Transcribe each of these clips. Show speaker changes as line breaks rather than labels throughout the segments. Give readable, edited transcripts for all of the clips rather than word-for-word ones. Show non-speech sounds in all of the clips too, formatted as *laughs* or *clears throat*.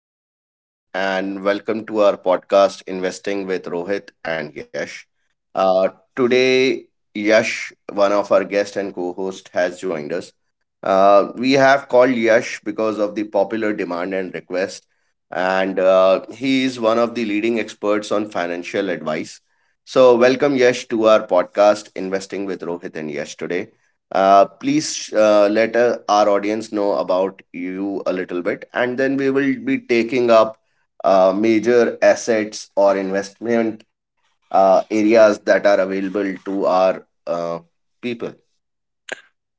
morning, everyone, and welcome to our podcast, Investing with Rohit and Yash. Uh, Today, Yash, one of our guests and co host, has joined us. We have called Yash because of the popular demand and request, and he is one of the leading experts on financial advice. So, welcome, Yash, to our podcast, Investing with Rohit and Yash today. Please let our audience know about you a little bit, and then we will be taking up major assets or investment areas that are available to our people.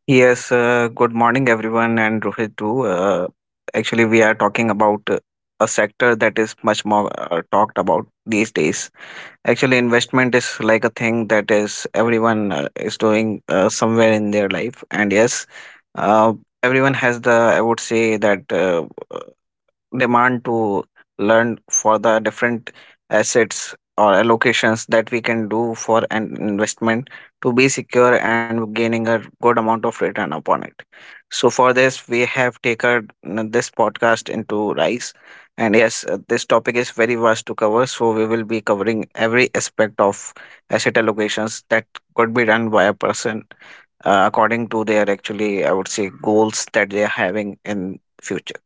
Yes, good morning, everyone, and Rohit too. Actually, we are talking about a sector that is much more talked about these days. Actually, investment is like a thing that is everyone is doing somewhere in their life, and yes, uh, everyone has the I would say that. Demand to learn for the different assets or allocations that we can do for an investment to be secure and gaining a good amount of return upon it. So for this, we have taken this podcast into rice. And yes, this topic is very vast to cover. So we will be covering every aspect of asset allocations that could be done by a person according to their actually, I would say, goals that they are having in future.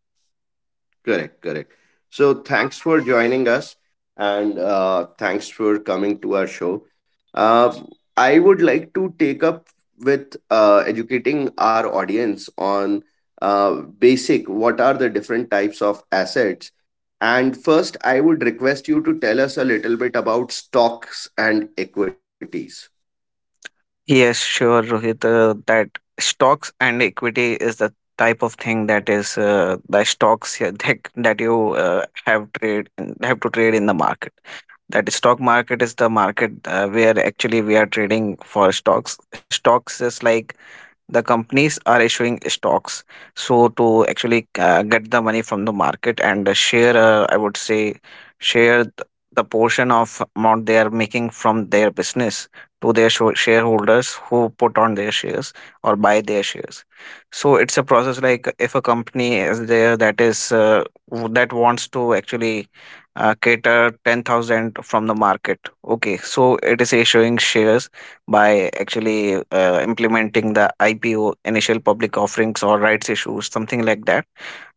Correct, correct. So thanks for joining us and thanks for coming to our show. Uh, I would like to take up with educating our audience on uh, basic what are the different types of assets. And first, I would request you to tell us a little bit about stocks and equities.
Yes, sure, Rohit. That stocks and equity is the type of thing that is the stocks here *laughs* that you have trade in, have to trade in the market. That stock market is the market where actually we are trading for stocks. Stocks is like the companies are issuing stocks so to actually get the money from the market and share I would say share th- the portion of amount they are making from their business to their shareholders who put on their shares or buy their shares. So it's a process like if a company is there that is that wants to actually cater 10,000 from the market. Okay, so it is issuing shares by actually implementing the IPO, initial public offerings or rights issues, something like that,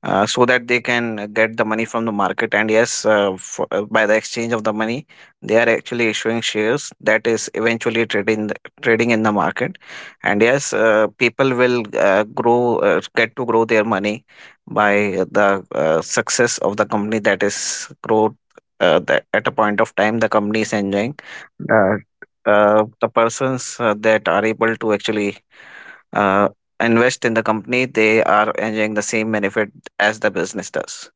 so that they can get the money from the market. And yes, by the exchange of the money, they are actually issuing shares that is eventually trading in the market. And yes, people will grow get to grow their money by the success of the company that is growth. That at a point of time the company is enjoying uh, the persons that are able to actually uh, invest in the company, they are enjoying the same benefit as the business does.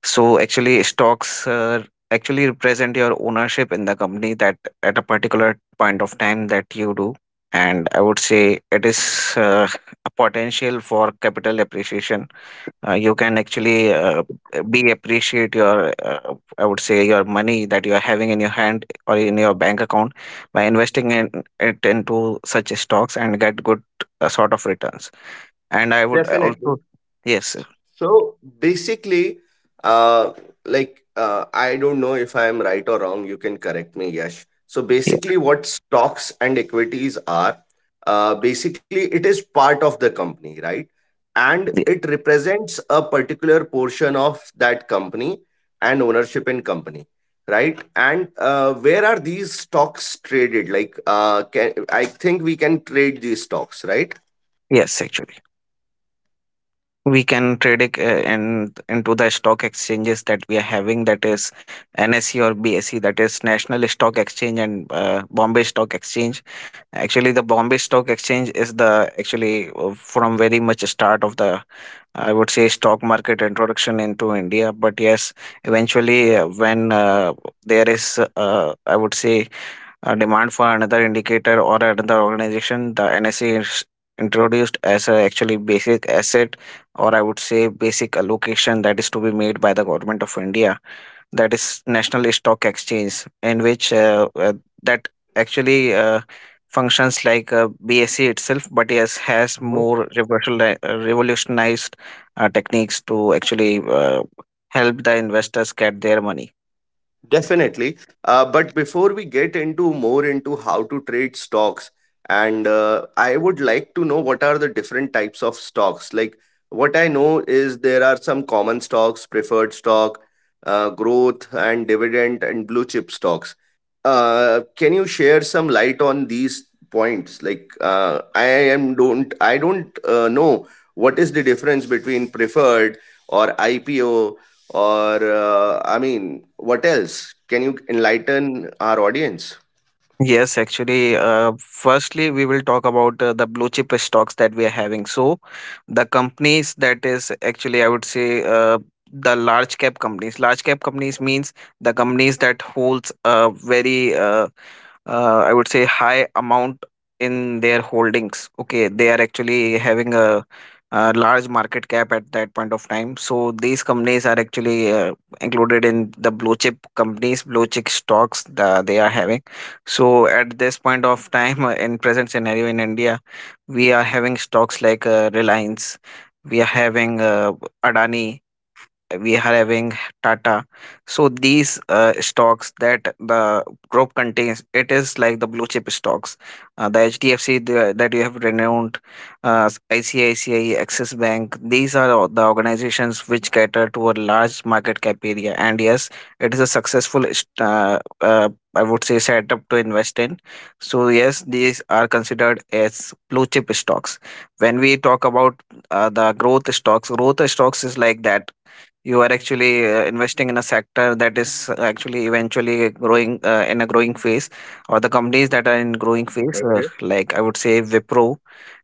So actually stocks actually represent your ownership in the company that at a particular point of time that you do. And I would say it is uh, a potential for capital appreciation. You can actually be appreciate your I would say your money that you are having in your hand or in your bank account by investing in it into such stocks and get good sort of returns. And I would
Definitely.
also yes.
So basically, uh, like I don't know if I am right or wrong. You can correct me, Yash. So
Yeah,
basically, what stocks and equities are, basically it is part of the company, right? And
yeah.
it represents a particular portion of that company and ownership in company, right? And where are these stocks traded? Like, can I think we can trade these stocks, right?
Yes, actually we can trade it
Okay.
in into the stock exchanges that we are having, that is NSE or BSE, that is National Stock Exchange and Bombay Stock Exchange. Actually the Bombay Stock Exchange is the actually from very much start of the, I would say, stock market introduction into India. But yes, eventually, when there is, I would say, a demand for another indicator or another organization, the NSE is introduced as a actually basic asset or, I would say, basic allocation that is to be made by the government of India, that is National Stock Exchange, in which that actually functions like BSE itself, but yes, has more revolutionized techniques to actually help the investors get their money.
Definitely. But before we get into more into how to trade stocks, and I would like to know what are the different types of stocks. Like what I know is there are some common stocks, preferred stock, growth and dividend and blue chip stocks. Can you share some light on these points? Like I don't know what is the difference between preferred or IPO or, I mean, what else? Can you enlighten our audience?
Yes, actually, firstly, we will talk about the blue chip stocks that we are having. So, the companies that is actually, I would say, the large cap companies. Large cap companies means the companies that holds a very, I would say, high amount in their holdings. Okay, they are actually having a large market cap at that point of time. So, these companies are actually included in the blue chip companies, blue chip stocks that they are having. So at this point of time, *laughs* in present scenario in India, we are having stocks like Reliance, we are having Adani, we are having Tata. So these stocks that the group contains, it is like the blue chip stocks. The HDFC, the, that you have renowned, uh, ICICI, Axis Bank. These are all the organizations which cater to a large market cap area. And yes, it is a successful, I would say, setup to invest in. So yes, these are considered as blue chip stocks. When we talk about the growth stocks is like that you are actually investing in a sector that is actually eventually growing in a growing phase, or the companies that are in growing phase
Okay.
like I would say Wipro,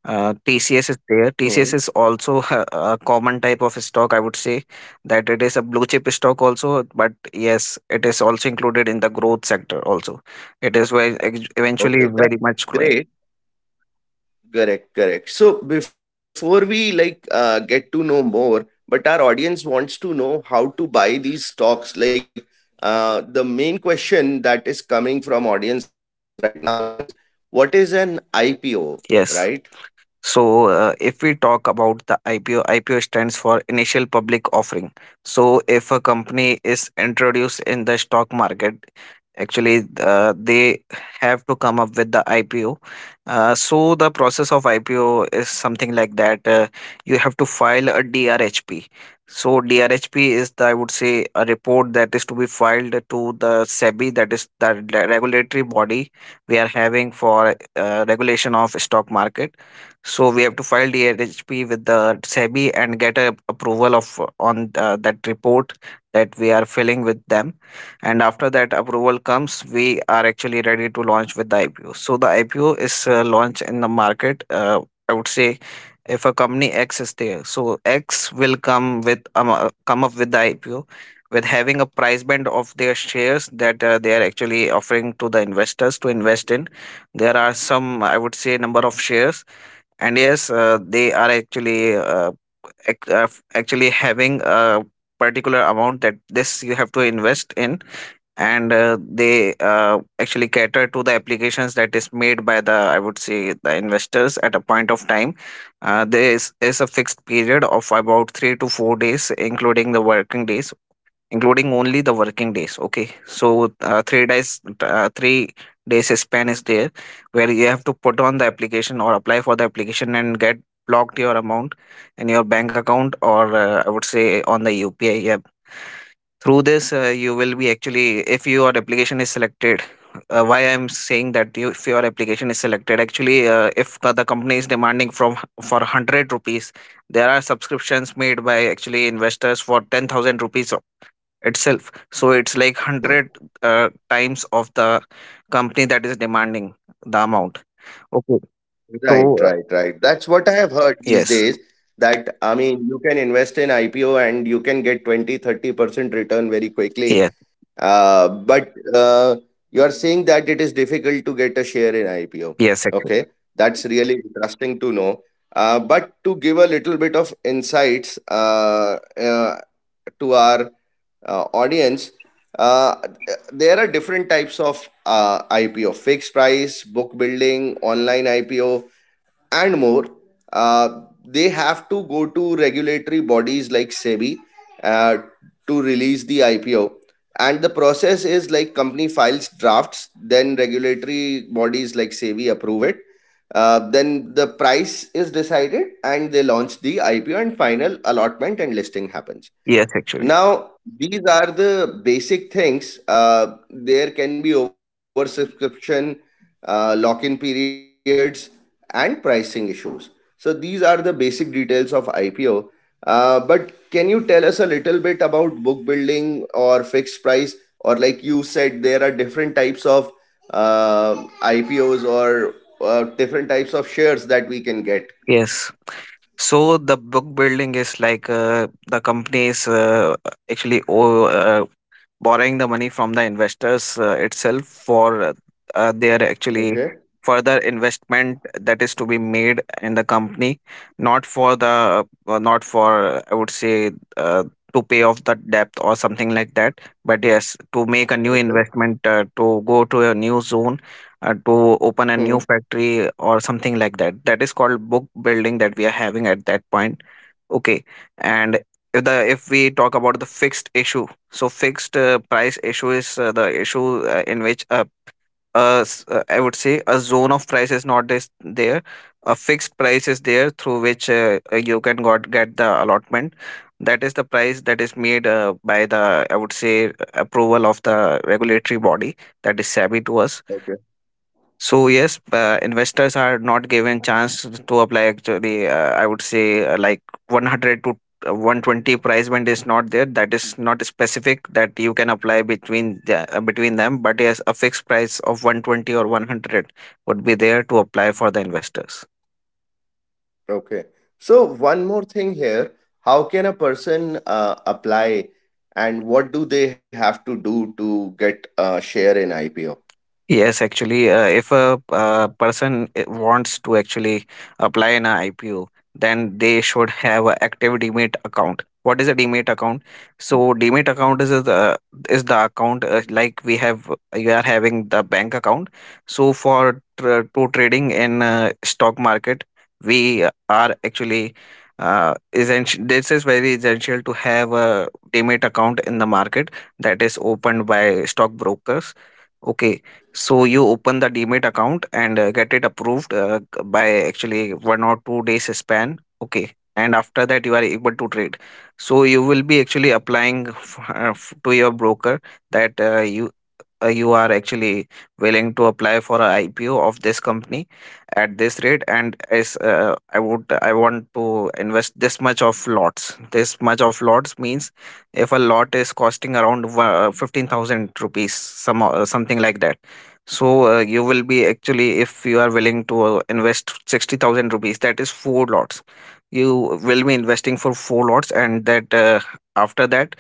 TCS is there. TCS
Hmm.
is also *laughs* a common type of stock, I would say, that it is a blue chip stock also, but yes, it is also included in the growth sector also. It is very eventually very
Okay,
much
that's
growing.
great. Correct, correct. So before we like get to know more, but our audience wants to know how to buy these stocks. Like the main question that is coming from audience right now is what is an IPO, right?
Yes. So, if we talk about the IPO, IPO stands for initial public offering. So, if a company is introduced in the stock market, actually, they have to come up with the IPO. So, the process of IPO is something like that. You have to file a DRHP. So, DRHP is, the, I would say, a report that is to be filed to the SEBI, that is the regulatory body we are having for regulation of stock market. So we have to file DRHP with the SEBI and get a approval of on that report that we are filling with them. And after that approval comes, we are actually ready to launch with the IPO. So the IPO is launched in the market. I would say if a company X is there, so X will come up with the IPO with having a price band of their shares that they are actually offering to the investors to invest in. There are some, I would say, number of shares and yes, they are actually actually having a particular amount that this you have to invest in, and they actually cater to the applications that is made by the, I would say, the investors at a point of time. There is a fixed period of about 3 to 4 days, including the working days, including only the working days. Okay, so 3 days span is there where you have to put on the application or apply for the application and get blocked your amount in your bank account or I would say on the UPI. Yeah. Through this, you will be actually, if your application is selected, why I'm saying that if your application is selected, actually, if co- the company is demanding for 100 rupees, there are subscriptions made by actually investors for 10,000 rupees itself, so it's like
Oh,
100 times of the company that is demanding the amount. Okay, so
right,
uh,
right, right. That's what I have heard these
yes.
days, that I mean, you can invest in IPO and you can get 20, 30% return very quickly.
Yes.
But you are saying that it is difficult to get a share in IPO.
Yes, actually.
Okay, that's really interesting to know. But to give a little bit of insights, to our audience, uh, there are different types of IPO: fixed price, book building, online IPO, and more. Uh, they have to go to regulatory bodies like SEBI uh, to release the IPO. And the process is like company files drafts, then regulatory bodies like SEBI approve it. Then the price is decided and they launch the IPO and final allotment and listing happens.
Yes, actually.
Now, these are the basic things. There can be oversubscription, lock in periods, and pricing issues. So, these are the basic details of IPO. But can you tell us a little bit about book building or fixed price? Or, like you said, there are different types of uh, IPOs or different types of shares that we can get.
Yes. So the book building is like, the company is actually o- uh, borrowing the money from the investors itself for their actually
Okay.
further investment that is to be made in the company, not for the, not for I would say, uh, to pay off the debt or something like that, but yes, to make a new
Okay.
investment to go to a new zone, to open a new
Mhm.
factory or something like that. That is called book building that we are having at that point. Okay. And if we talk about the fixed issue, so fixed price issue is the issue in which, I would say, a zone of price is not this there. A fixed price is there through which you can got get the allotment. That is the price that is made by the, I would say, approval of the regulatory body, that is savvy to us. So yes, investors are not given chance to apply. Actually, I would say, like 100 to 120 price band is not there. That is not specific that you can apply between between them. But yes, a fixed price of 120 or 100 would be there to apply for the investors.
Okay. So, one more thing here. How can a person apply, and what do they have to do to get a share in IPO?
Yes, actually, if a person wants to actually apply an IPO, then they should have an active demat account. What is a demat account? So demat account is the account like we have you are having the bank account. So for tr to trading in stock market, we are actually essential. This is very essential to have a demat account in the market that is opened by stockbrokers. Okay, so you open the Demat account and get it approved by actually 1 or 2 days span. Okay, and after that you are able to trade. So you will be actually applying to your broker that you are actually willing to apply for a IPO of this company at this rate and is I want to invest this much of lots. This much of lots means if a lot is costing around 15,000 rupees something like that. So you will be actually if you are willing to invest 60,000 rupees, that is four lots. You will be investing for four lots, and that after that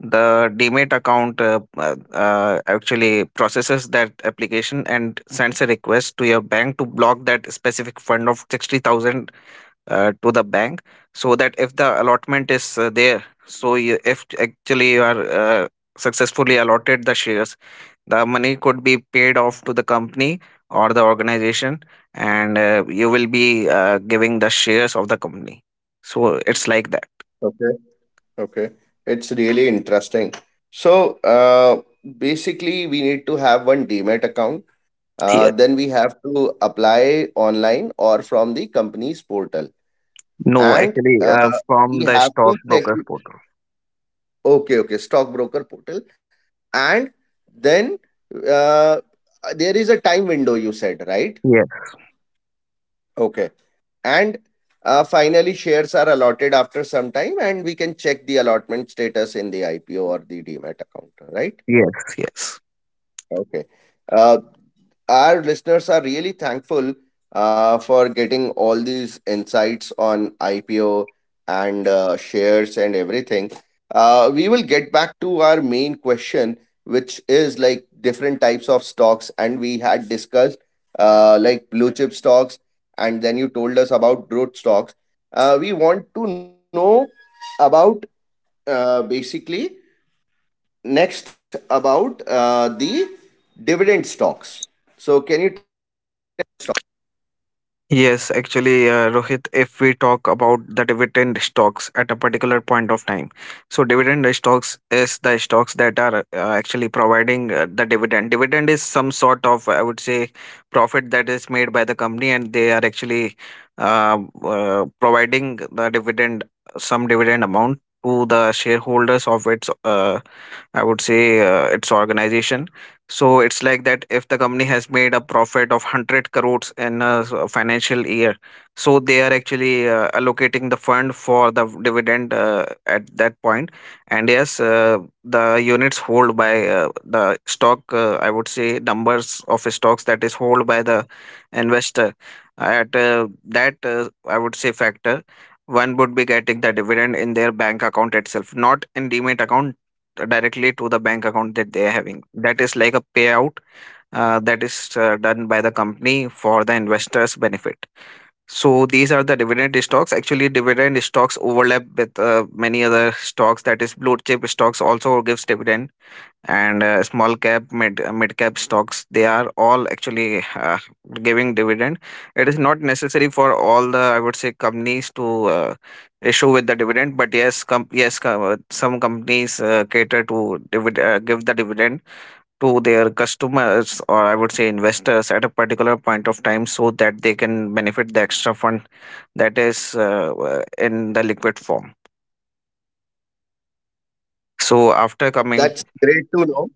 the demat account actually processes that application and sends a request to your bank to block that specific fund of 60,000 to the bank, so that if the allotment is there, so you, if actually you are successfully allotted the shares, the money could be paid off to the company or the organization, and you will be giving the shares of the company. So it's like that.
Okay. Okay. It's really interesting. So, basically, we need to have one demat account. Then we have to apply online or from the company's portal.
No,
And
actually, from
we
the
have to check.
stockbroker's portal.
Okay. Okay. Stockbroker portal. And then, uh, there is a time window, you said, right?
Yes,
Okay. And finally shares are allotted after some time and we can check the allotment status in the IPO or the demat account, right?
yes, yes.
Okay. uh, our listeners are really thankful for getting all these insights on IPO and shares and everything. We will get back to our main question, which is like different types of stocks, and we had discussed like blue chip stocks, and then you told us about growth stocks. We want to know about basically next about the dividend stocks. So, can you—
Yes, actually, Rohit, if we talk about the dividend stocks at a particular point of time, so dividend stocks is the stocks that are actually providing the dividend. Dividend is some sort of, I would say, profit that is made by the company, and they are actually uh, providing the dividend, some dividend amount to the shareholders of its, I would say, its organization. So it's like that, if the company has made a profit of 100 crores in a financial year, so they are actually allocating the fund for the dividend at that point. And yes, the units hold by the stock, I would say numbers of stocks that is hold by the investor. At that, I would say factor, one would be getting the dividend in their bank account itself, not in demat account, directly to the bank account that they are having. That is like a payout that is done by the company for the investors' benefit. So these are the dividend stocks. Actually, dividend stocks overlap with many other stocks. That is, blue chip stocks also gives dividend, and small cap mid cap stocks, they are all actually giving dividend. It is not necessary for all the I would say companies to issue with the dividend, but yes, com- yes com some companies cater to give the dividend to their customers, or I would say investors, at a particular point of time, so that they can benefit the extra fund that is in the liquid form. So after coming,
That's great to know.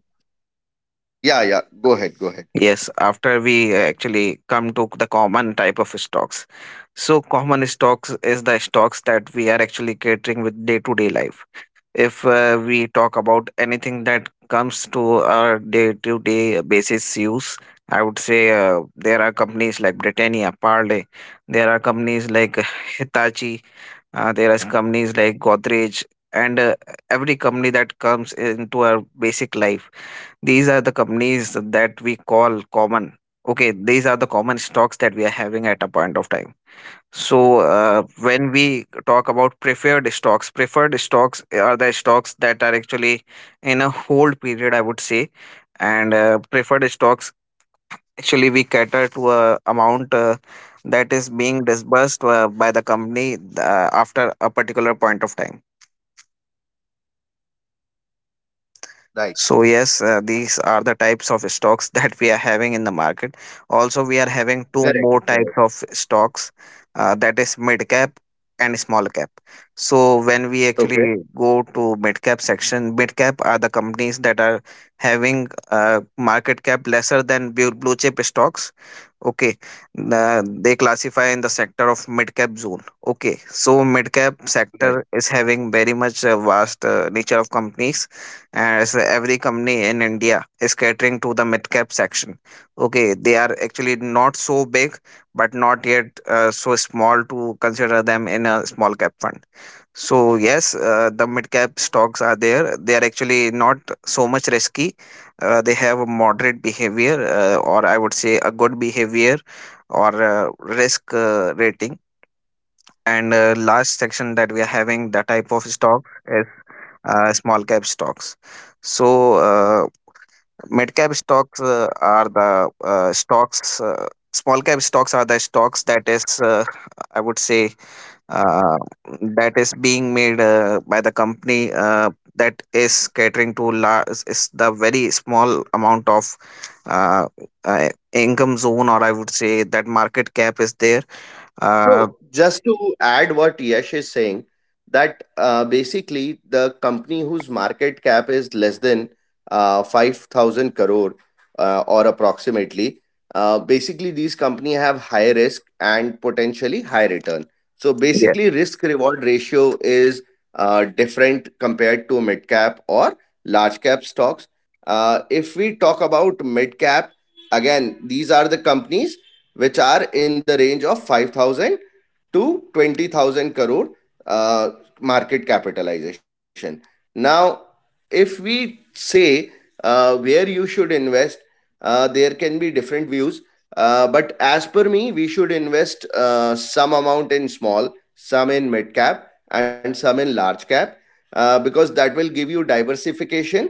Yeah, yeah. Go ahead. Go ahead.
yes, after we actually come to the common type of stocks. So, common stocks is the stocks that we are actually catering with day to day life. If we talk about anything that comes to our day to day basis use, I would say there are companies like Britannia, Parle, there are companies like *laughs* Hitachi, there are companies like Godrej, and every company that comes into our basic life, these are the companies that we call common. Okay, these are the common stocks that we are having at a point of time. So, when we talk about preferred stocks are the stocks that are actually in a hold period, I would say. And preferred stocks, actually, we cater to a amount that is being disbursed by the company after a particular point of time.
Right.
So yes, these are the types of stocks *laughs* that we are having in the market. Also, we are having two
Correct.
more
Correct.
types of stocks, that is mid cap and small cap. So when we actually
Okay.
go to mid cap section, mid cap are the companies that are having market cap lesser than blue chip stocks. Okay. The, they classify in the sector of mid cap zone. Okay. So mid cap
Right.
sector is having very much vast nature of companies, as every company in India is catering to the mid cap section. Okay. They are actually not so big, but not yet so small to consider them in a small cap fund. So yes, the mid cap stocks are there. They are actually not so much risky. They have a moderate behavior, or I would say a good behavior, or risk rating. And last section that we are having, the type of stock is small cap stocks. So mid cap stocks are the stocks. Small cap stocks are the stocks that is, I would say, uh, that is being made by the company that is catering to is the very small amount of uh, income zone, or I would say that market cap is there. Uh,
So, just to add what Yash is saying, that basically the company whose market cap is less than 5,000 crore or approximately, basically these company have high risk and potentially high return. So
yeah.
basically risk reward ratio is different compared to mid cap or large cap stocks. If we talk about mid cap, again, these are the companies which are in the range of 5,000 to 20,000 crore uh, market capitalization. Now, if we say where you should invest, there can be different views, but as per me we should invest some amount in small, some in mid cap and some in large cap, because that will give you diversification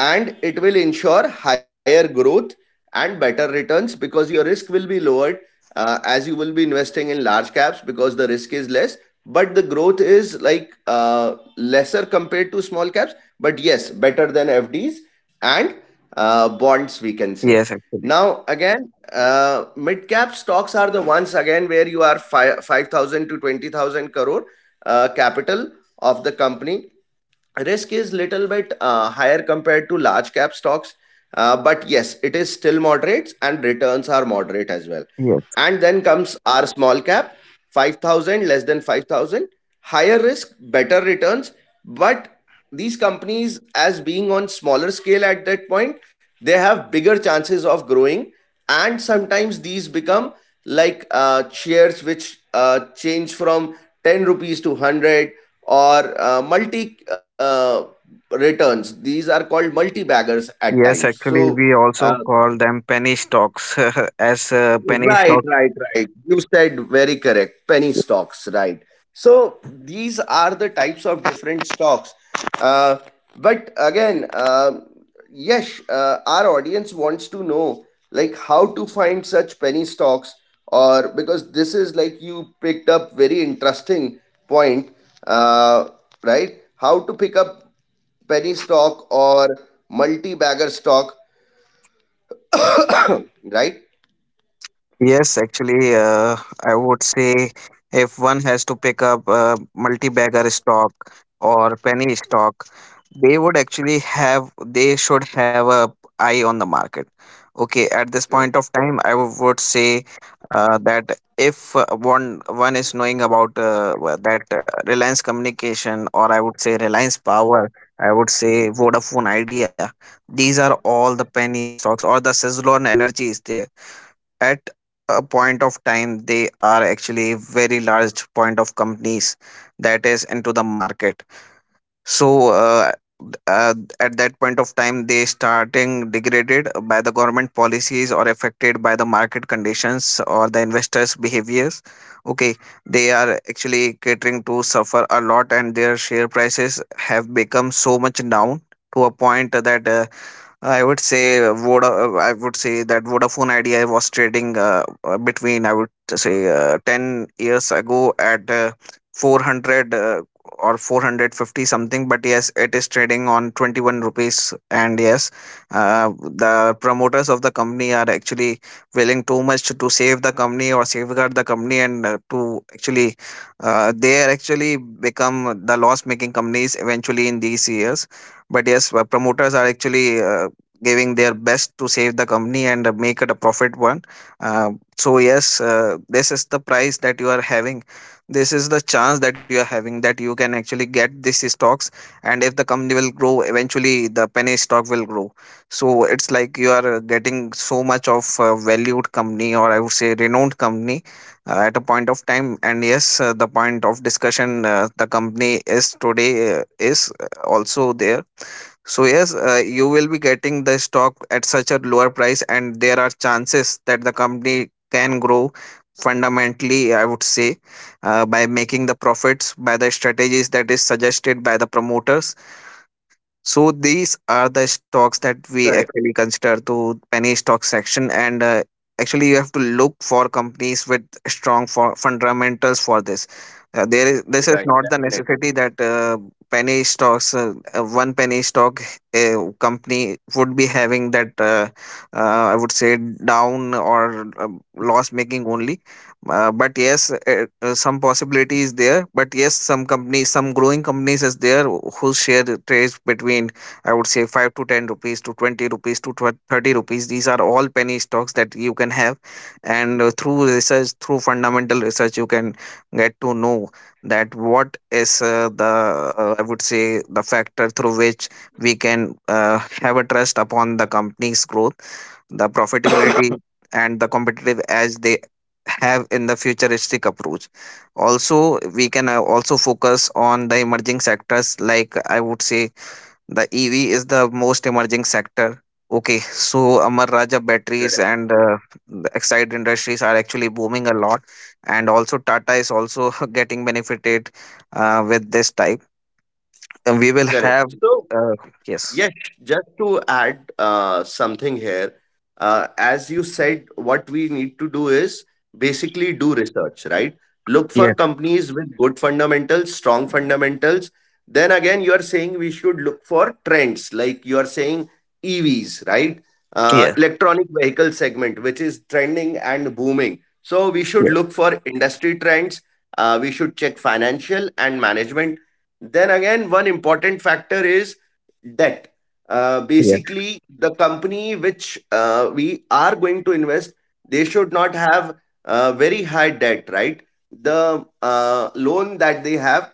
and it will ensure higher growth and better returns, because your risk will be lowered, as you will be investing in large caps because the risk is less, but the growth is like lesser compared to small caps, but yes better than fds and bonds, we can say.
Yes, actually.
Now again, mid cap stocks are the ones, again, where you are five thousand to 20,000 crore capital of the company. Risk is little bit higher compared to large cap stocks, but yes, it is still moderate and returns are moderate as well.
Yes.
And then comes our small cap, 5,000, less than 5,000, higher risk, better returns, but these companies, as being on smaller scale at that point, they have bigger chances of growing, and sometimes these become like shares which change from 10 rupees to 100, or multi returns. These are called multi baggers at times,
Yes,
so
actually, we
uh,
also call them penny stocks, *laughs* as penny
right,
stocks.
right, right. You said very correct, penny stocks, right. So these are the types of different stocks. Uh, but again, yes, our audience wants to know like how to find such penny stocks, or because this is like you picked up very interesting point, uh, right? How to pick up penny stock or multi bagger stock, right?
Yes, actually, I would say if one has to pick up multi-bagger stock or penny stock, they would actually have, they should have a eye on the market. Okay, at this
Correct.
point of time, would say that if one is knowing about that Reliance Communication, or I would say Reliance Power, I would say Vodafone Idea, these are all the penny stocks, or the Suzlon Energy is there. At a point of time, they are actually very large point of companies that is into the market. So uh, at that point of time they starting degraded by the government policies, or affected by the market conditions, or the investors behaviors. Okay, they are actually catering to suffer a lot, and their share prices have become so much down to a point that I would say Voda. I would say that Vodafone Idea was trading between I would say 10 years ago at 400 or 450 something. But yes, it is trading on 21 rupees. And yes, the promoters of the company are actually willing too much to save the company or safeguard the company, and to actually they are actually become the loss making companies eventually in these years. But yes, promoters are actually giving their best to save the company and make it a profit one. uh, so yes, this is the price that you are having. This is the chance that you are having that you can actually get these stocks, and if the company will grow eventually the penny stock will grow. So it's like you are getting so much of valued company, or I would say renowned company, at a point of time. And yes, the point of discussion, the company is today, is also there. So yes, you will be getting the stock at such a lower price, and there are chances that the company can grow fundamentally. I would say by making the profits by the strategies that is suggested by the promoters. So these are the stocks that we
Correct.
actually consider to penny stock section, and actually you have to look for companies with strong for fundamentals for this. There is this is
Right.
not the
Definitely.
necessity that penny stocks, one penny stock company would be having that I would say down or loss making only. But yes, some possibility is there. But yes, some companies, some growing companies is there who share trades between, I would say, 5 to 10 rupees to 20 rupees to 30 rupees. These are all penny stocks that you can have. And through research, through fundamental research, you can get to know that what is I would say, the factor through which we can have a trust upon the company's growth, the profitability, and the competitive edge they have in the futuristic approach. Also, we can also focus on the emerging sectors. Like, I would say the EV is the most emerging sector. Okay, so Amar Raja
Correct.
Batteries and the excited industries are actually booming a lot, and also Tata is also *laughs* getting benefited with this type, and we will have
Correct. So,
uh, yes.
yes, just to add something here, as you said, what we need to do is basically do research, right? Look for
yes
companies with good fundamentals, strong fundamentals. Then again, you are saying we should look for trends, like you are saying EVs, right?
yes
Electronic vehicle segment, which is trending and booming. So we should
yes
look for industry trends. We should check financial and management. Then again, one important factor is debt.
yes
Basically, the company which we are going to invest, they should not have very high debt, right? The loan that they have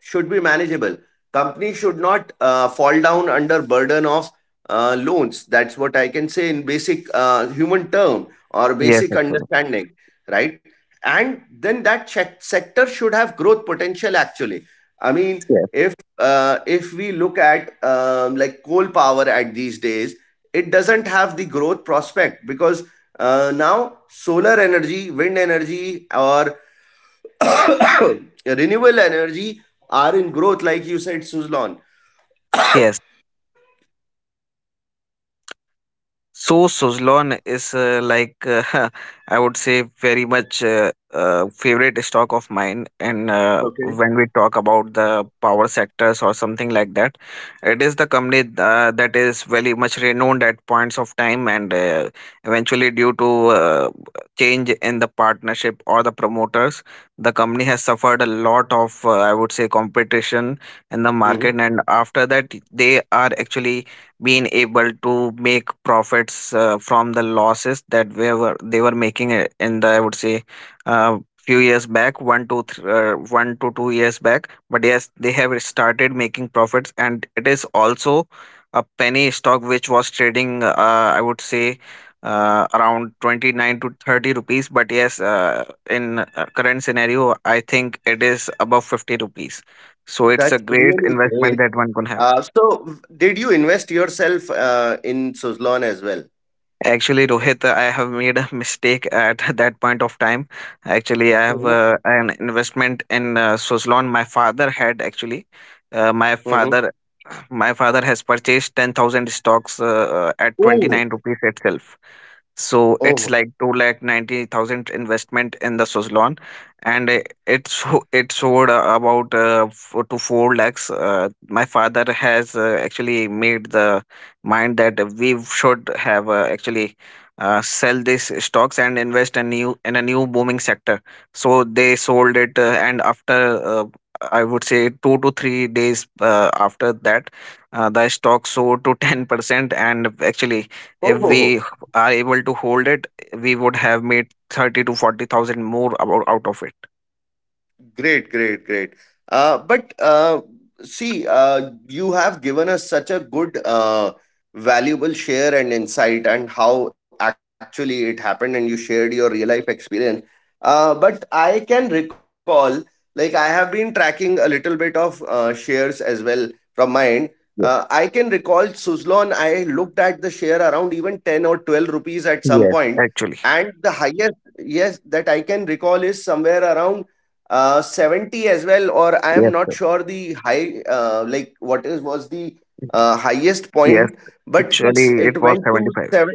should be manageable. Company should not fall down under burden of loans. That's what I can say in basic human term or
yes
basic
Actually,
understanding, right? And then that check sector should have growth potential, actually. I mean,
yes
if if we look at like coal power at these days, it doesn't have the growth prospect, because now solar energy, wind energy, or *coughs* renewable energy are in growth, like you said, Suzlon. *coughs*
yes. So Suzlon is *laughs* I would say very much favorite stock of mine. And
Okay.
when we talk about the power sectors or something like that, it is the company that is very much renowned at points of time, and eventually due to change in the partnership or the promoters, the company has suffered a lot of I would say competition in the market,
Mhm.
and after that they are actually been able to make profits from the losses that we were they were making in the, I would say, few years back one to th- 1 to 2 years back. But yes, they have started making profits, and it is also a penny stock which was trading, I would say, around 29 to 30 rupees. But yes, in current scenario, I think it is above 50 rupees, so it's a
That's
great
really
investment
great.
that one can have.
So, did you invest yourself in Suzlon as well?
Actually, Rohit, I have made a mistake at *laughs* that point of time. Actually, I
Mm-hmm.
have an investment in Suzlon. My father had actually, uh, my
Mm-hmm.
father, my father has purchased 10,000 stocks at twenty
Oh,
nine rupees itself. So
oh,
it's like two lakh 90,000 investment in the Suzlon, and it sold about four lakhs. My father has actually made the mind that we should have actually sell these stocks and invest a new in a new booming sector. So they sold it, and after I would say 2 to 3 days after that, the stock sold to 10%, and actually, if
oh,
we
oh,
are able to hold it, we would have made 30 to 40,000 more about out of it.
great, great, great. But see, you have given us such a good, valuable share and insight, and how actually it happened, and you shared your real life experience. But I can recall, like, I have been tracking a little bit of shares as well from mine end. I
Yes,
can recall Suzlon, I looked at the share around even 10 or 12 rupees at some
yes,
point,
actually.
and the highest, yes, that I can recall is somewhere around 70 as well. Or I am
Yes,
not
sir.
sure the high, like what is was the highest
Yes.
point, but
Actually,
yes
it
it
was
went to
75.
seven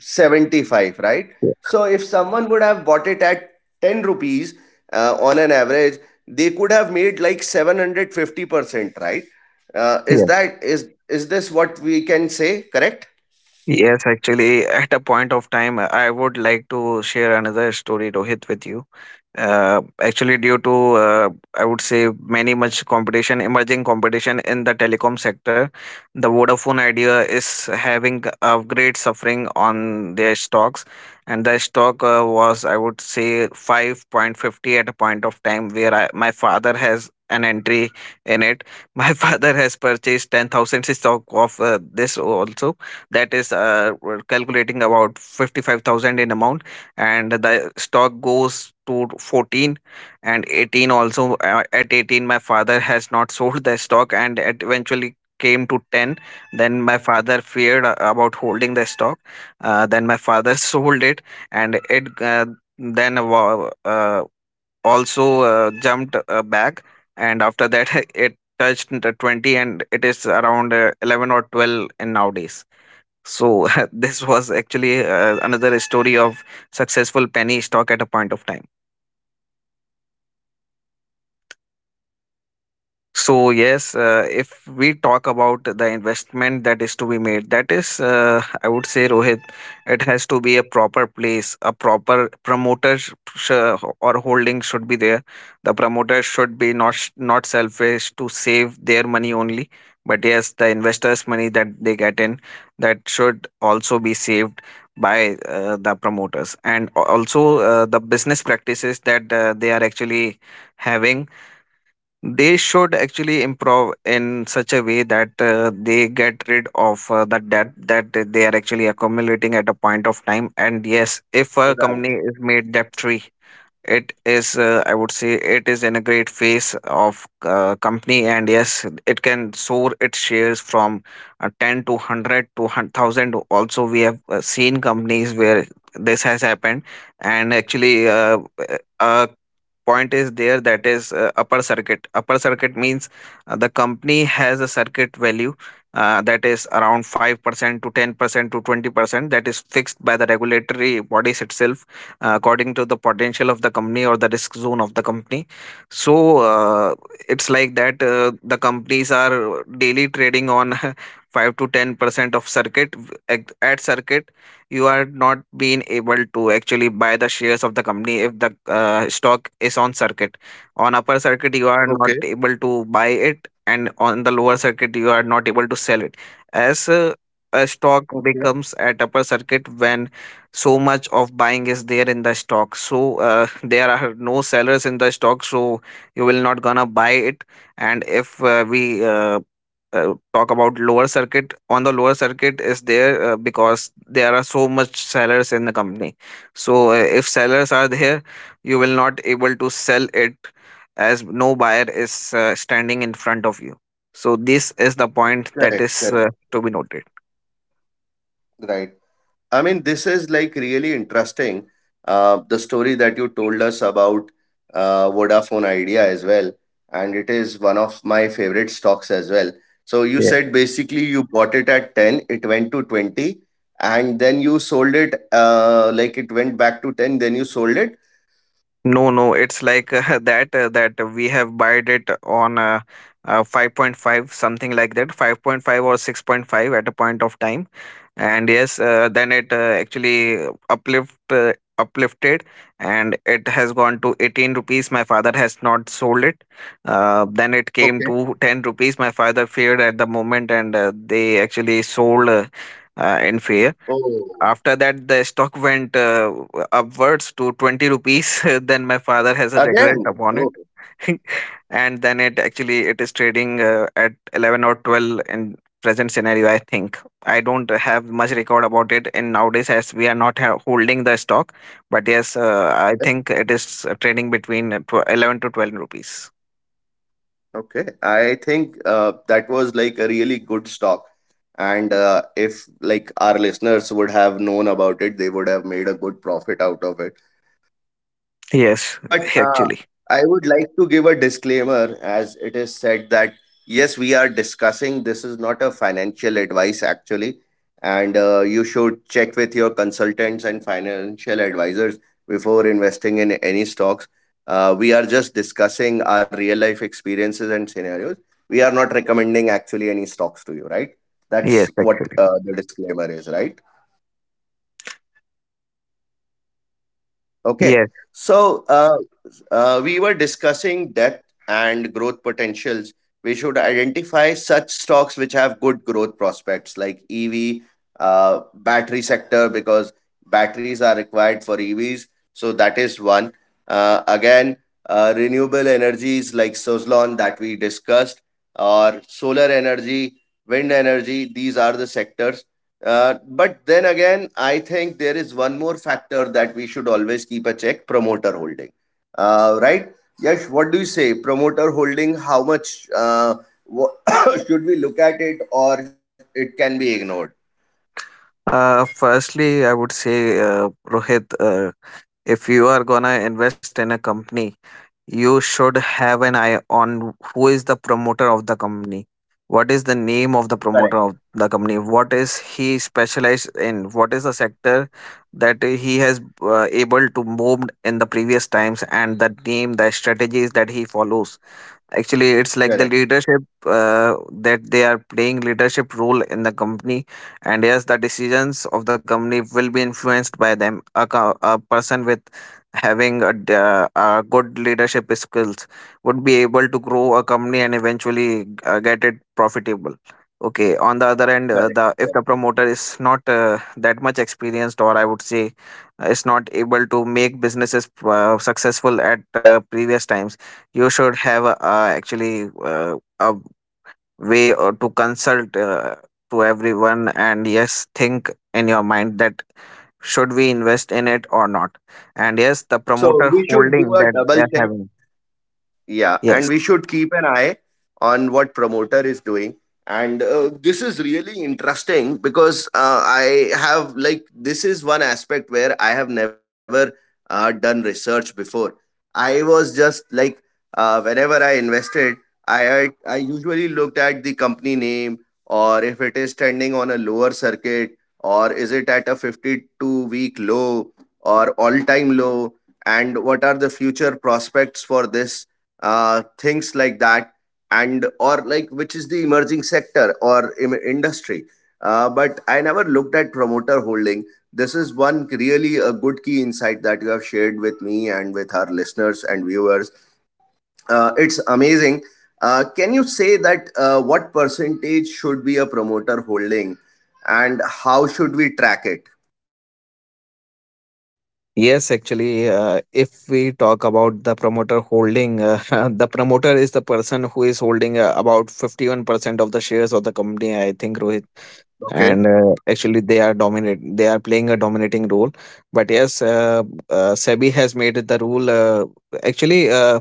seventy-five, right? So if someone would have bought it at 10 rupees, on an average they could have made like 750%, right? uh,
Yeah.
is that is is this what we can say? Correct,
Yes, actually, at a point of time, I would like to share another story, Rohit, with you.
correct.
Actually, due to I would say many much competition, emerging competition in the telecom sector, the Vodafone Idea is having a great suffering on their stocks, and the stock was, I would say, 5.50 at a point of time where my father has an entry in it. *laughs* My father has purchased 10,000 stock of this also. That is, we're calculating about 55,000 in amount, and the stock goes to 14 and 18 also. Uh, at 18, my father has not *laughs* sold the stock, and it eventually came to 10. Then my father feared about holding the stock. Then my father *laughs* sold it, and it then wa- uh, also jumped back, and after that, *laughs* it touched the 20, and it is around 11 or 12 in nowadays. So *laughs* this was actually another story of successful penny stock at a point of time. So yes, if we talk about the investment that is to be made, that is, I would say, Rohit, it has to be a proper place. A proper promoter sh- sh- or holding should be there. The promoter should be not selfish to save their money only, but yes, the investors' money that they get in, that should also be saved by the promoters. And also, the business practices that they are actually having, they should actually improve in such a way that they get rid of that debt that they are actually accumulating at a point of time. And yes, if a company is made debt free, it is, I would say, it is in a great phase of company, and yes, it can soar its shares from 10 to 100 to 1000. Also, we have seen companies where this has happened. And actually, point is there that is, upper circuit means the company has a circuit value that is around 5% to 10% to 20% that is fixed by the regulatory bodies itself, according to the potential of the company or the risk zone of the company. So it's like that the companies are daily trading on *laughs* 5 to 10% of circuit. At circuit, you are not being able to actually buy the shares of the company if the stock is on circuit. On upper circuit you are
Okay.
not able to buy it, and on the lower circuit you are not able to sell it, as a stock
Okay.
becomes at upper circuit when so much of buying is there in the stock. So there are no sellers in the stock, so you will not gonna buy it. And if we talk about lower circuit, on the lower circuit is there because there are so much sellers in the company. So if sellers are there, you will not able to sell it, as no buyer is standing in front of you. So this is the point
Correct,
that
correct,
is to be noted.
right. I mean, this is like really interesting. The story that you told us about Vodafone Idea as well, and it is one of my favorite stocks as well. So you said basically you bought it at 10, it went to 20, and then you sold it, like it went back to 10, then you sold it.
No, no, it's like
*coughs*
*laughs* that we have bought it on 5.5 something like that, 5.5 or 6.5 at a point of time. And yes, then it actually uplifted, and it has gone to 18 rupees. My father has not sold it. Then it came
Okay.
to 10 rupees. My father feared at the moment, and they actually sold in fear.
Oh,
After that, the stock went upwards to 20 rupees. *laughs* Then my father has a
again.
regret upon it.
Oh,
*laughs* And then it actually it is trading at 11 or 12 in present scenario. I think I don't have much record about it in nowadays, as we are not holding the stock. But yes, I
okay.
think it is trading between 11 to 12 rupees.
Okay, I think that was like a really good stock. And if like our listeners would have known about it, they would have made a good profit out of it.
Yes
But
*laughs* actually
I would like to give a disclaimer, as it is said that yes, we are discussing, this is not a financial advice actually, and you should check with your consultants and financial advisors before investing in any stocks. We are just discussing our real life experiences and scenarios. We are not recommending actually any stocks to you, right?
yes
That's what
actually
the disclaimer is, right? Okay.
yes
So we were discussing depth and growth potentials. We should identify such stocks which have good growth prospects like EV, battery sector, because batteries are required for EVs. So that is one. Again, renewable energies like Sozlon that we discussed, or solar energy, wind energy, these are the sectors, but then again, I think there is one more factor that we should always keep a check, promoter holding. Right? Yes, what do you say? Promoter holding, how much wha- *coughs* should we look at it, or it can be ignored?
Firstly I would say, Rohit, if you are gonna invest in a company, you should have an eye on who is the promoter of the company. What is the name of the
Correct,
promoter of the company? What is he specialized in? What is the sector that he has able to move in the previous times, and the name, the strategies that he follows? Actually, it's like
correct,
the leadership that they are playing, leadership role in the company, and yes, the decisions of the company will be influenced by them. A person with having a good leadership skills would be able to grow a company and eventually get it profitable. Okay. On the other end,
correct,
the if
correct.
the promoter is not that much experienced, or I would say, is not able to make businesses successful at previous times, you should have a way or to consult to everyone, and yes, think in your mind that should we invest in it or not. And yes, the
So
promoter
we should do
holding
a
that they
double
are
check.
having.
Yeah, and
yes
we should keep an eye on what promoter is doing. And this is really interesting, because I have like, this is one aspect where I have never done research before. I was just like, whenever I invested, I usually looked at the company name, or if it is trending on a lower circuit, or is it at a 52-week low or all time low, and what are the future prospects for this, things like that, and or like which is the emerging sector or industry. But I never looked at promoter holding. This is one really a good key insight that you have shared with me and with our listeners and viewers. It's amazing. Can you say that what percentage should be a promoter holding and how should we track it?
yes Actually, if we talk about the promoter holding, *laughs* the promoter is the person who is holding about 51% of the shares of the company, I think, Rohit.
Okay,
And actually, they are dominate they are playing a dominating role. But yes, SEBI has made the rule. Actually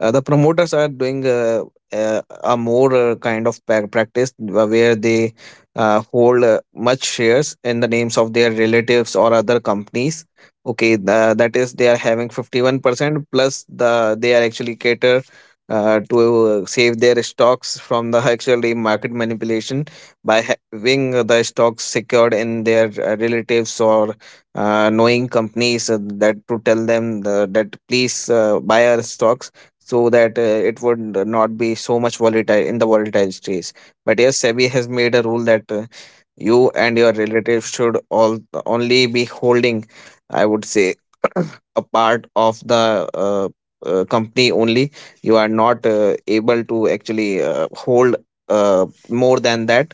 The promoters are doing a more kind of practice where they hold much shares in the names of their relatives or other companies. Okay, that is, they are having 51% plus. The they are actually cater to save their stocks from the *laughs* actually market manipulation by having the stocks secured in their relatives or knowing companies, that to tell them that please buy our stocks, so that it would not be so much volatile in the volatile stage. But yes, SEBI has made a rule that you and your relatives should all only be holding, I would say, *clears throat* a part of the company only. You are not able to actually hold more than that.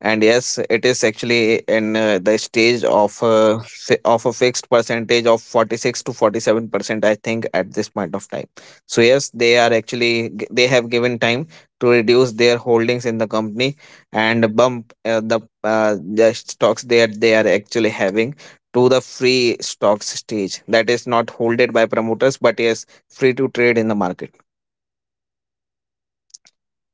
And yes, it is actually in the stage of a fixed percentage of 46 to 47%, I think, at this point of time. So yes, they are actually they have given time to reduce their holdings in the company and bump the stocks that they are actually having to the free stocks stage that is not holded by promoters, but yes, free to trade in the market.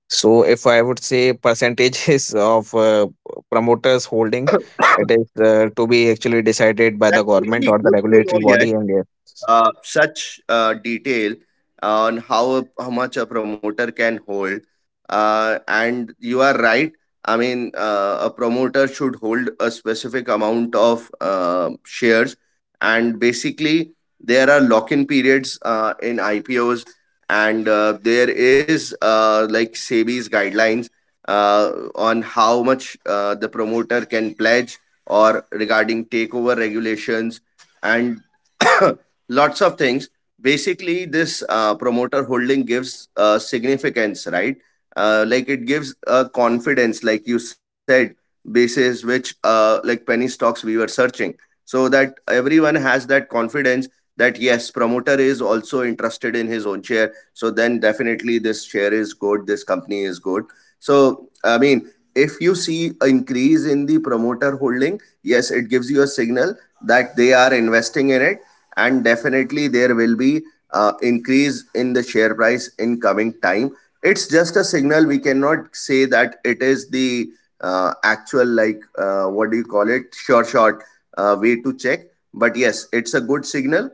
So if I would say percentages *laughs* of promoters holding, it is to be actually decided by the
that's
government
really
or the
good to
regulatory
know, yeah.
body. And yes,
Such detail on how much a promoter can hold. And you are right. I mean, a promoter should hold a specific amount of shares, and basically there are lock-in periods in IPOs, and there is like SEBI's guidelines on how much the promoter can pledge, or regarding takeover regulations, and *coughs* lots of things. Basically this promoter holding gives significance, right? Like it gives a confidence like you said, basis which, like penny stocks we were searching, so that everyone has that confidence that yes, promoter is also interested in his own share, so then definitely this share is good, this company is good. So I mean, if you see an increase in the promoter holding, yes, it gives you a signal that they are investing in it, and definitely there will be increase in the share price in coming time. It's just a signal, we cannot say that it is the actual like, what do you call it, sure shot way to check, but yes, it's a good signal.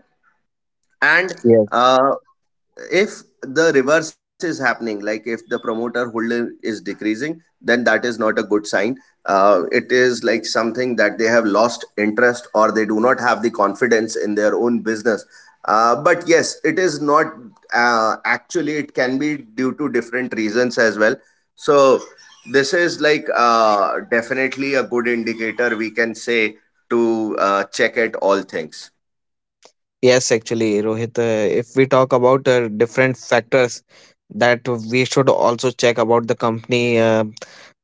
And
yes,
uh, if the reverse is happening, like if the promoter holder is decreasing, then that is not a good sign. It is like something that they have lost interest or they do not have the confidence in their own business. But yes, it is not actually, it can be due to different reasons as well. So this is like definitely a good indicator, we can say, to check at all things.
yes, actually, Rohit, if we talk about different factors that we should also check about the company, uh,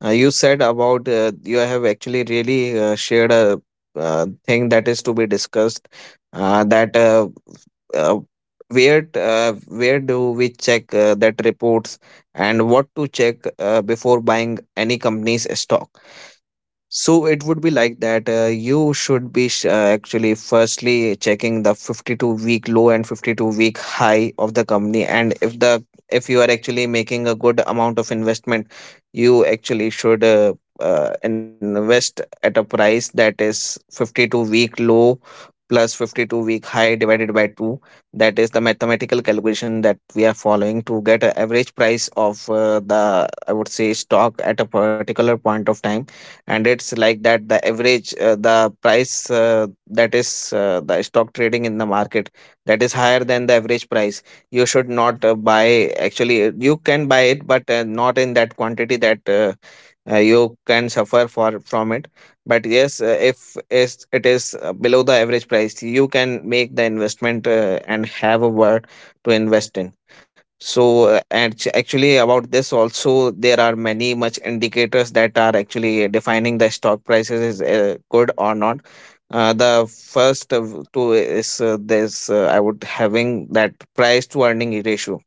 uh, you said about you have actually really shared a thing that is to be discussed. Uh, that uh, uh, where do we check that reports, and what to check before buying any company's stock, so it would be like that. You should be actually firstly checking the 52-week low and 52-week high of the company. And if you are actually making a good amount of investment, you actually should invest at a price that is 52-week low plus 52 week high divided by 2. That is the mathematical calculation that we are following to get an average price of the, I would say, stock at a particular point of time. And it's like that, the average, the price, that is, the stock trading in the market, that is higher than the average price, you should not buy, actually. You can buy it, but not in that quantity that you can suffer for from it. But yes, if it is below the average price, you can make the investment and have a word to invest in. So, actually, about this also, there are many much indicators that are actually defining the stock prices is good or not. The first of two is this, I would having that price to earning ratio.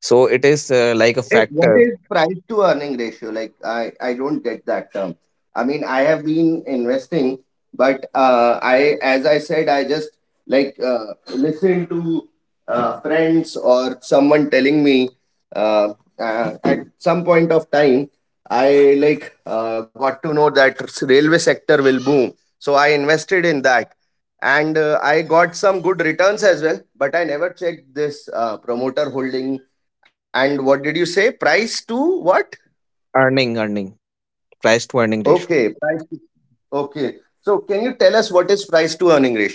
So it is, like, a
Okay, what
factor.
is price to earning ratio? Like, I don't get that term. I mean, I have been investing, but I, as I said, I just like listen to friends or someone telling me, uh, at some point of time, I like got to know that railway sector will boom, so I invested in that, and I got some good returns as well. But I never checked this promoter holding. And what did you say? Price to what?
Earning, price to earning
Okay.
ratio.
Price to, okay. So can you tell us what is price to earning ratio?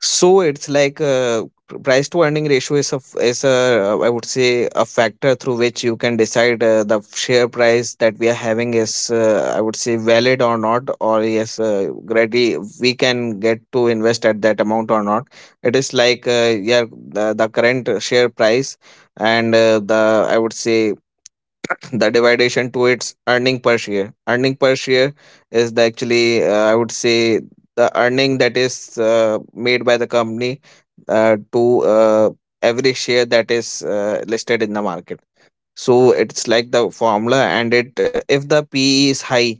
So it's like, price to earning ratio is a is a, I would say, a factor through which you can decide the share price that we are having is, I would say, valid or not, or yes, ready we can get to invest at that amount or not. It is like, yeah, the current share price and, the, I would say, the dividation to its earning per share. Earning per share is the, actually, I would say, the earning that is made by the company to every share that is listed in the market. So it's like the formula, and it, if the PE is high,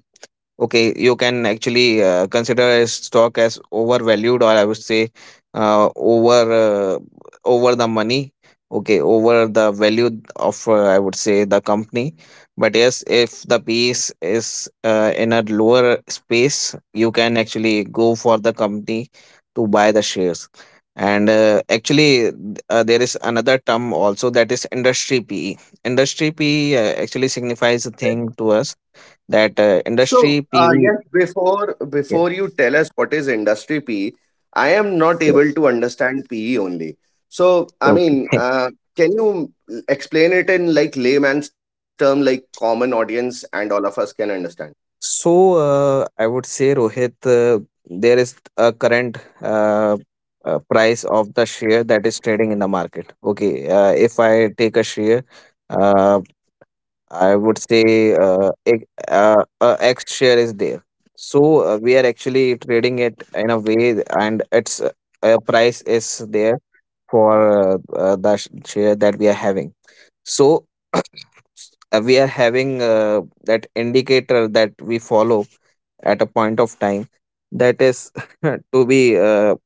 okay, you can actually consider a stock as overvalued, or I would say, uh, over uh, over the money. Okay, over the value of, I would say, the company. But yes, if the piece is in a lower space, you can actually go for the company to buy the shares. And actually, there is another term also, that is industry pe actually signifies a
Okay.
thing to us, that industry
So
PE.
yes, before
Yes,
before you tell us what is industry PE, I am not
yes.
able to understand PE only. So I
Okay.
mean,
*laughs*
can you explain it in like layman's term, like common audience and all of us can understand?
So, I would say, Rohit, there is a current, price of the share that is trading in the market. Okay. If I take a share, uh, I would say, a X share is there. So we are actually trading it in a way, and its, price is there for, share that we are having. So *clears throat* uh, we are having that indicator that we follow at a point of time, that is *laughs* to be,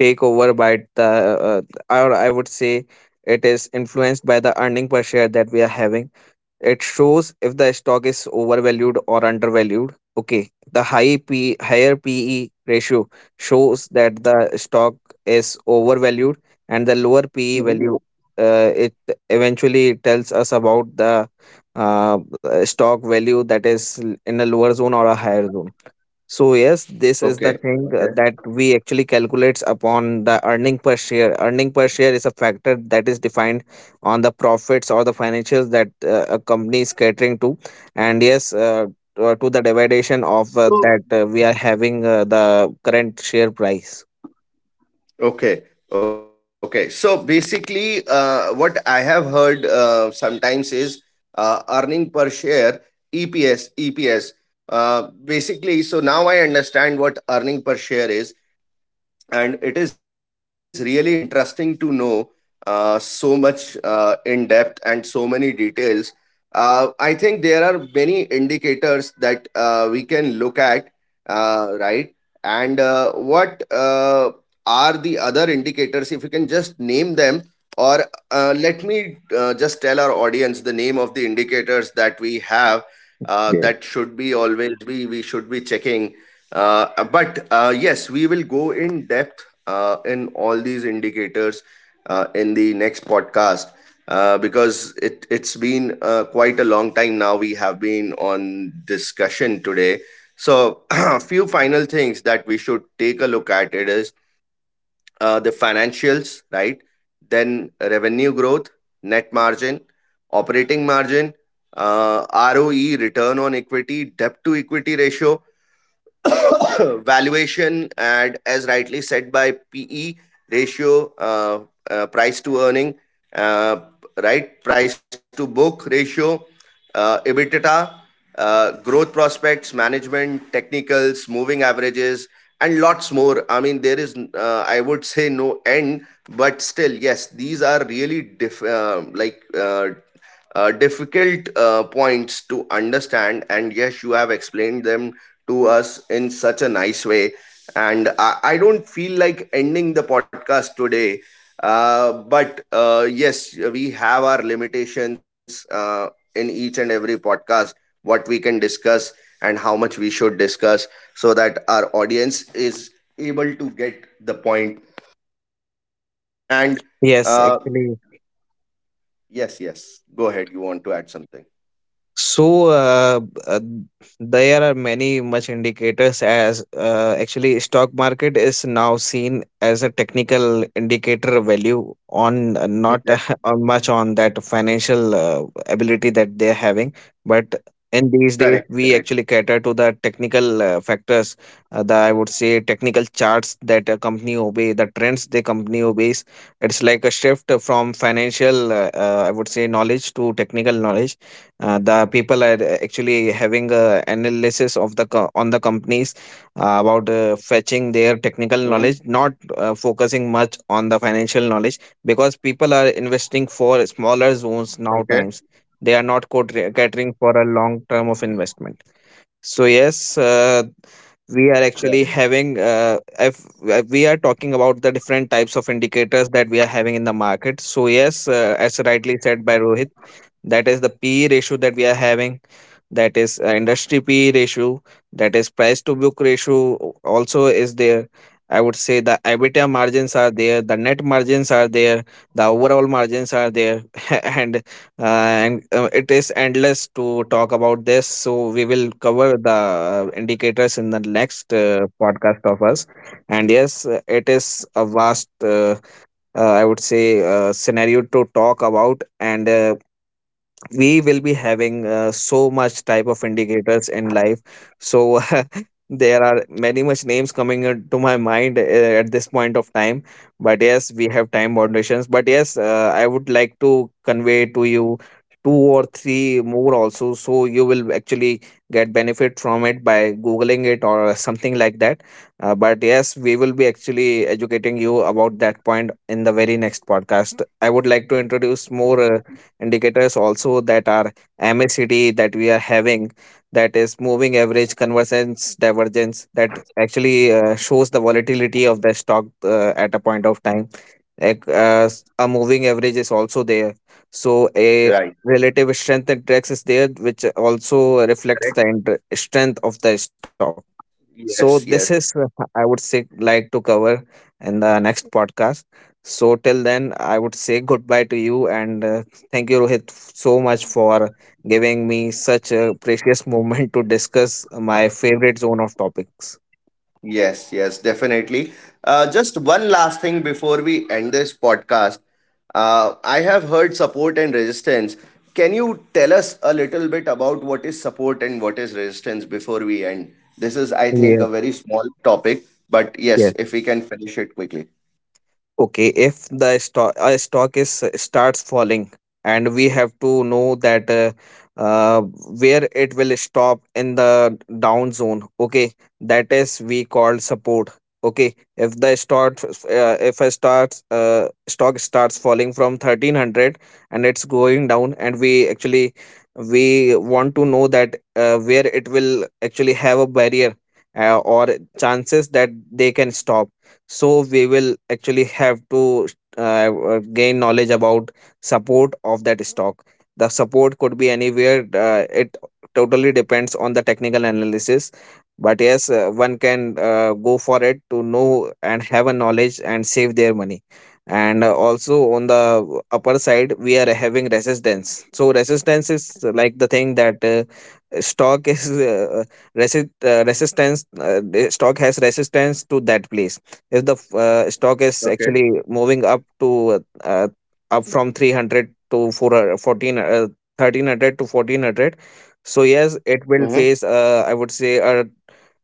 take over by the, or I would say, it is influenced by the earning per share that we are having. It shows if the stock is overvalued or undervalued. Okay, the higher PE ratio shows that the stock is overvalued, and the lower PE value,
Mhm.
it eventually tells us about the uh, stock value that is in a lower zone or a higher zone. So yes, this is the
Okay.
thing
Okay.
that we actually calculates upon the earning per share. Earning per share is a factor that is defined on the profits or the financials that a company is catering to. And yes, to the dividation of that
So
we are having, the current share price.
okay, okay. So basically, what I have heard sometimes is earning per share (EPS). EPS. Basically, so now I understand what earning per share is, and it is really interesting to know so much in depth and so many details. I think there are many indicators that we can look at, right? And what are the other indicators? If you can just name them, or let me just tell our audience the name of the indicators that we have
Yes.
that should be always be we should be checking, uh, but yes, we will go in depth in all these indicators in the next podcast, because it's been quite a long time now. We have been on discussion today. So *clears throat* a few final things that we should take a look at, it is the financials, right? Then revenue growth, net margin, operating margin, uh, ROE, return on equity, debt to equity ratio, *coughs* valuation, and as rightly said, by PE ratio, price to earning, uh, right, price to book ratio, EBITDA, growth prospects, management, technicals, moving averages, and lots more. I mean, there is I would say no end, but still, yes, these are really like uh, difficult points to understand, and yes, you have explained them to us in such a nice way, and I don't feel like ending the podcast today, but yes, we have our limitations in each and every podcast, what we can discuss and how much we should discuss, so that our audience is able to get the point *coughs* *clears throat* point. And
Yes,
uh,
actually.
yes, yes, go ahead, you want to add something?
So, uh, there are many much indicators, as actually stock market is now seen as a technical indicator value on, not, *laughs* on much on that financial ability that they're having, but in
Correct,
these days
correct.
we actually cater to the technical factors, the, I would say, technical charts that a company obey, the trends the company obeys. It's like a shift from financial, I would say, knowledge to technical knowledge. The people are actually having a analysis of the on the companies, about
Hmm.
fetching their technical knowledge, not focusing much on the financial knowledge, because people are
Okay,
investing for smaller zones now times. They are not catering for a long term of investment. So yes,
correct, correct.
we are actually having, if we are talking about the different types of indicators that we are having in the market. So yes, as rightly said by Rohit, that is the PE ratio that we are having. That is industry PE ratio. That is price to book ratio. Also is there. I would say the EBITDA margins are there, the net margins are there, the overall margins are there, *laughs* and and it is endless to talk about this, so we will cover the indicators in the next podcast of us. And yes, it is a vast, I would say, scenario to talk about, and we will be having so much type of indicators in life. So *laughs* there are many much names coming into my mind at this point of time, but yes we have time foundations. But yes, I would like to convey to you two or three more also, so you will actually get benefit from it by googling it or something like that. But yes, we will be actually educating you about that point in the very next podcast. I would like to introduce more indicators also, that are MACD that we are having, that is moving average convergence divergence, that actually shows the volatility of the stock at a point of time. Like, a moving average is also there. So a
Right.
relative strength index is there, which also reflects the strength of the stock. So this
Yes,
is,
yes,
I would say, like to cover in the next podcast. So till then I would say goodbye to you, and thank you, Rohit, so much for giving me such a precious *laughs* moment to discuss my favorite zone of topics.
yes, yes, definitely. Just one last thing before we end this podcast. I have heard support and resistance. Can you tell us a little bit about what is support and what is resistance before we end? This is, I think,
Yes,
a very small topic, but yes,
yes.
if we can finish it quickly.
Okay, if the stock is starts falling, and we have to know that, uh, where it will stop in the down zone. Okay, that is we call support. Okay, if the start if a starts stock starts falling from 1300 and it's going down, and we want to know that, where it will actually have a barrier, or chances that they can stop. So we will actually have to, gain knowledge about support of that stock. The support could be anywhere, it totally depends on the technical analysis. But yes, one can go for it to know and have a knowledge and save their money. And also on the upper side we are having resistance. So resistance is like the thing that stock is, resistance, the stock has resistance to that place. If the stock is actually moving up to, up from 300 to 400, fourteen 14, 1300 to 1400, so yes it will
Okay.
face, I would say,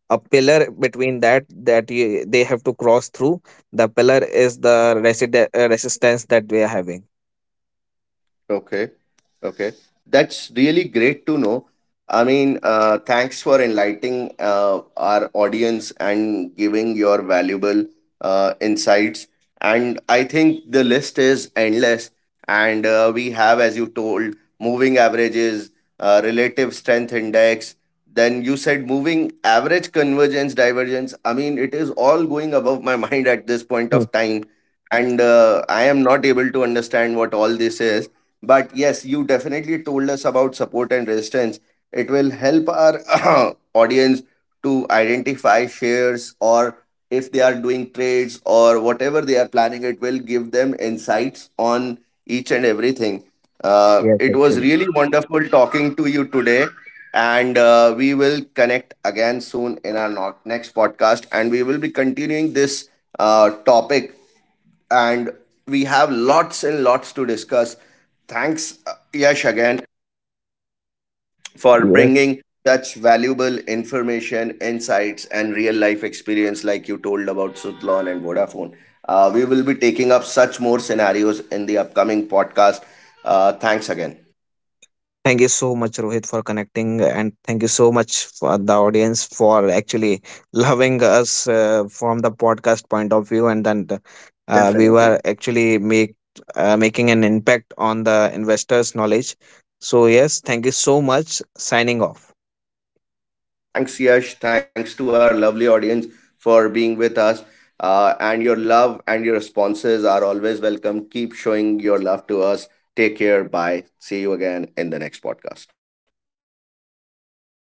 a pillar between that that you, they have to cross through. The pillar is the resistance that we are having.
Okay. Okay. That's really great to know. I mean, thanks for enlightening our audience and giving your valuable insights. And I think the list is endless. And we have, as you told, moving averages, relative strength index. Then you said moving average convergence, divergence. I mean, it is all going above my *laughs* mind at this point
Hmm.
of time. And I am not able to understand what all this is, but yes, you definitely told us about support and resistance. It will help our *clears throat* audience to identify shares, or if they are doing trades or whatever they are planning, it will give them insights on each and everything.
Yes,
It was
actually.
really wonderful talking to you today, and we will connect again soon in our next podcast, and we will be continuing this topic. And we have lots and lots to discuss. Thanks, Yash, again, for bringing such valuable information, insights, and real life experience, like you told about Sutlon and Vodafone. We will be taking up such more scenarios in the upcoming podcast. Thanks again.
Thank you so much, Rohit, for connecting, and thank you so much for the audience for actually loving us from the podcast point of view, and then we were
Definitely.
actually make making an impact on the investors' knowledge. So yes, thank you so much. Signing off.
Thanks, Yash. Thanks to our lovely audience for being with us. And your love and your responses are always welcome. Keep showing your love to us. Take care. Bye. See you again in the next podcast.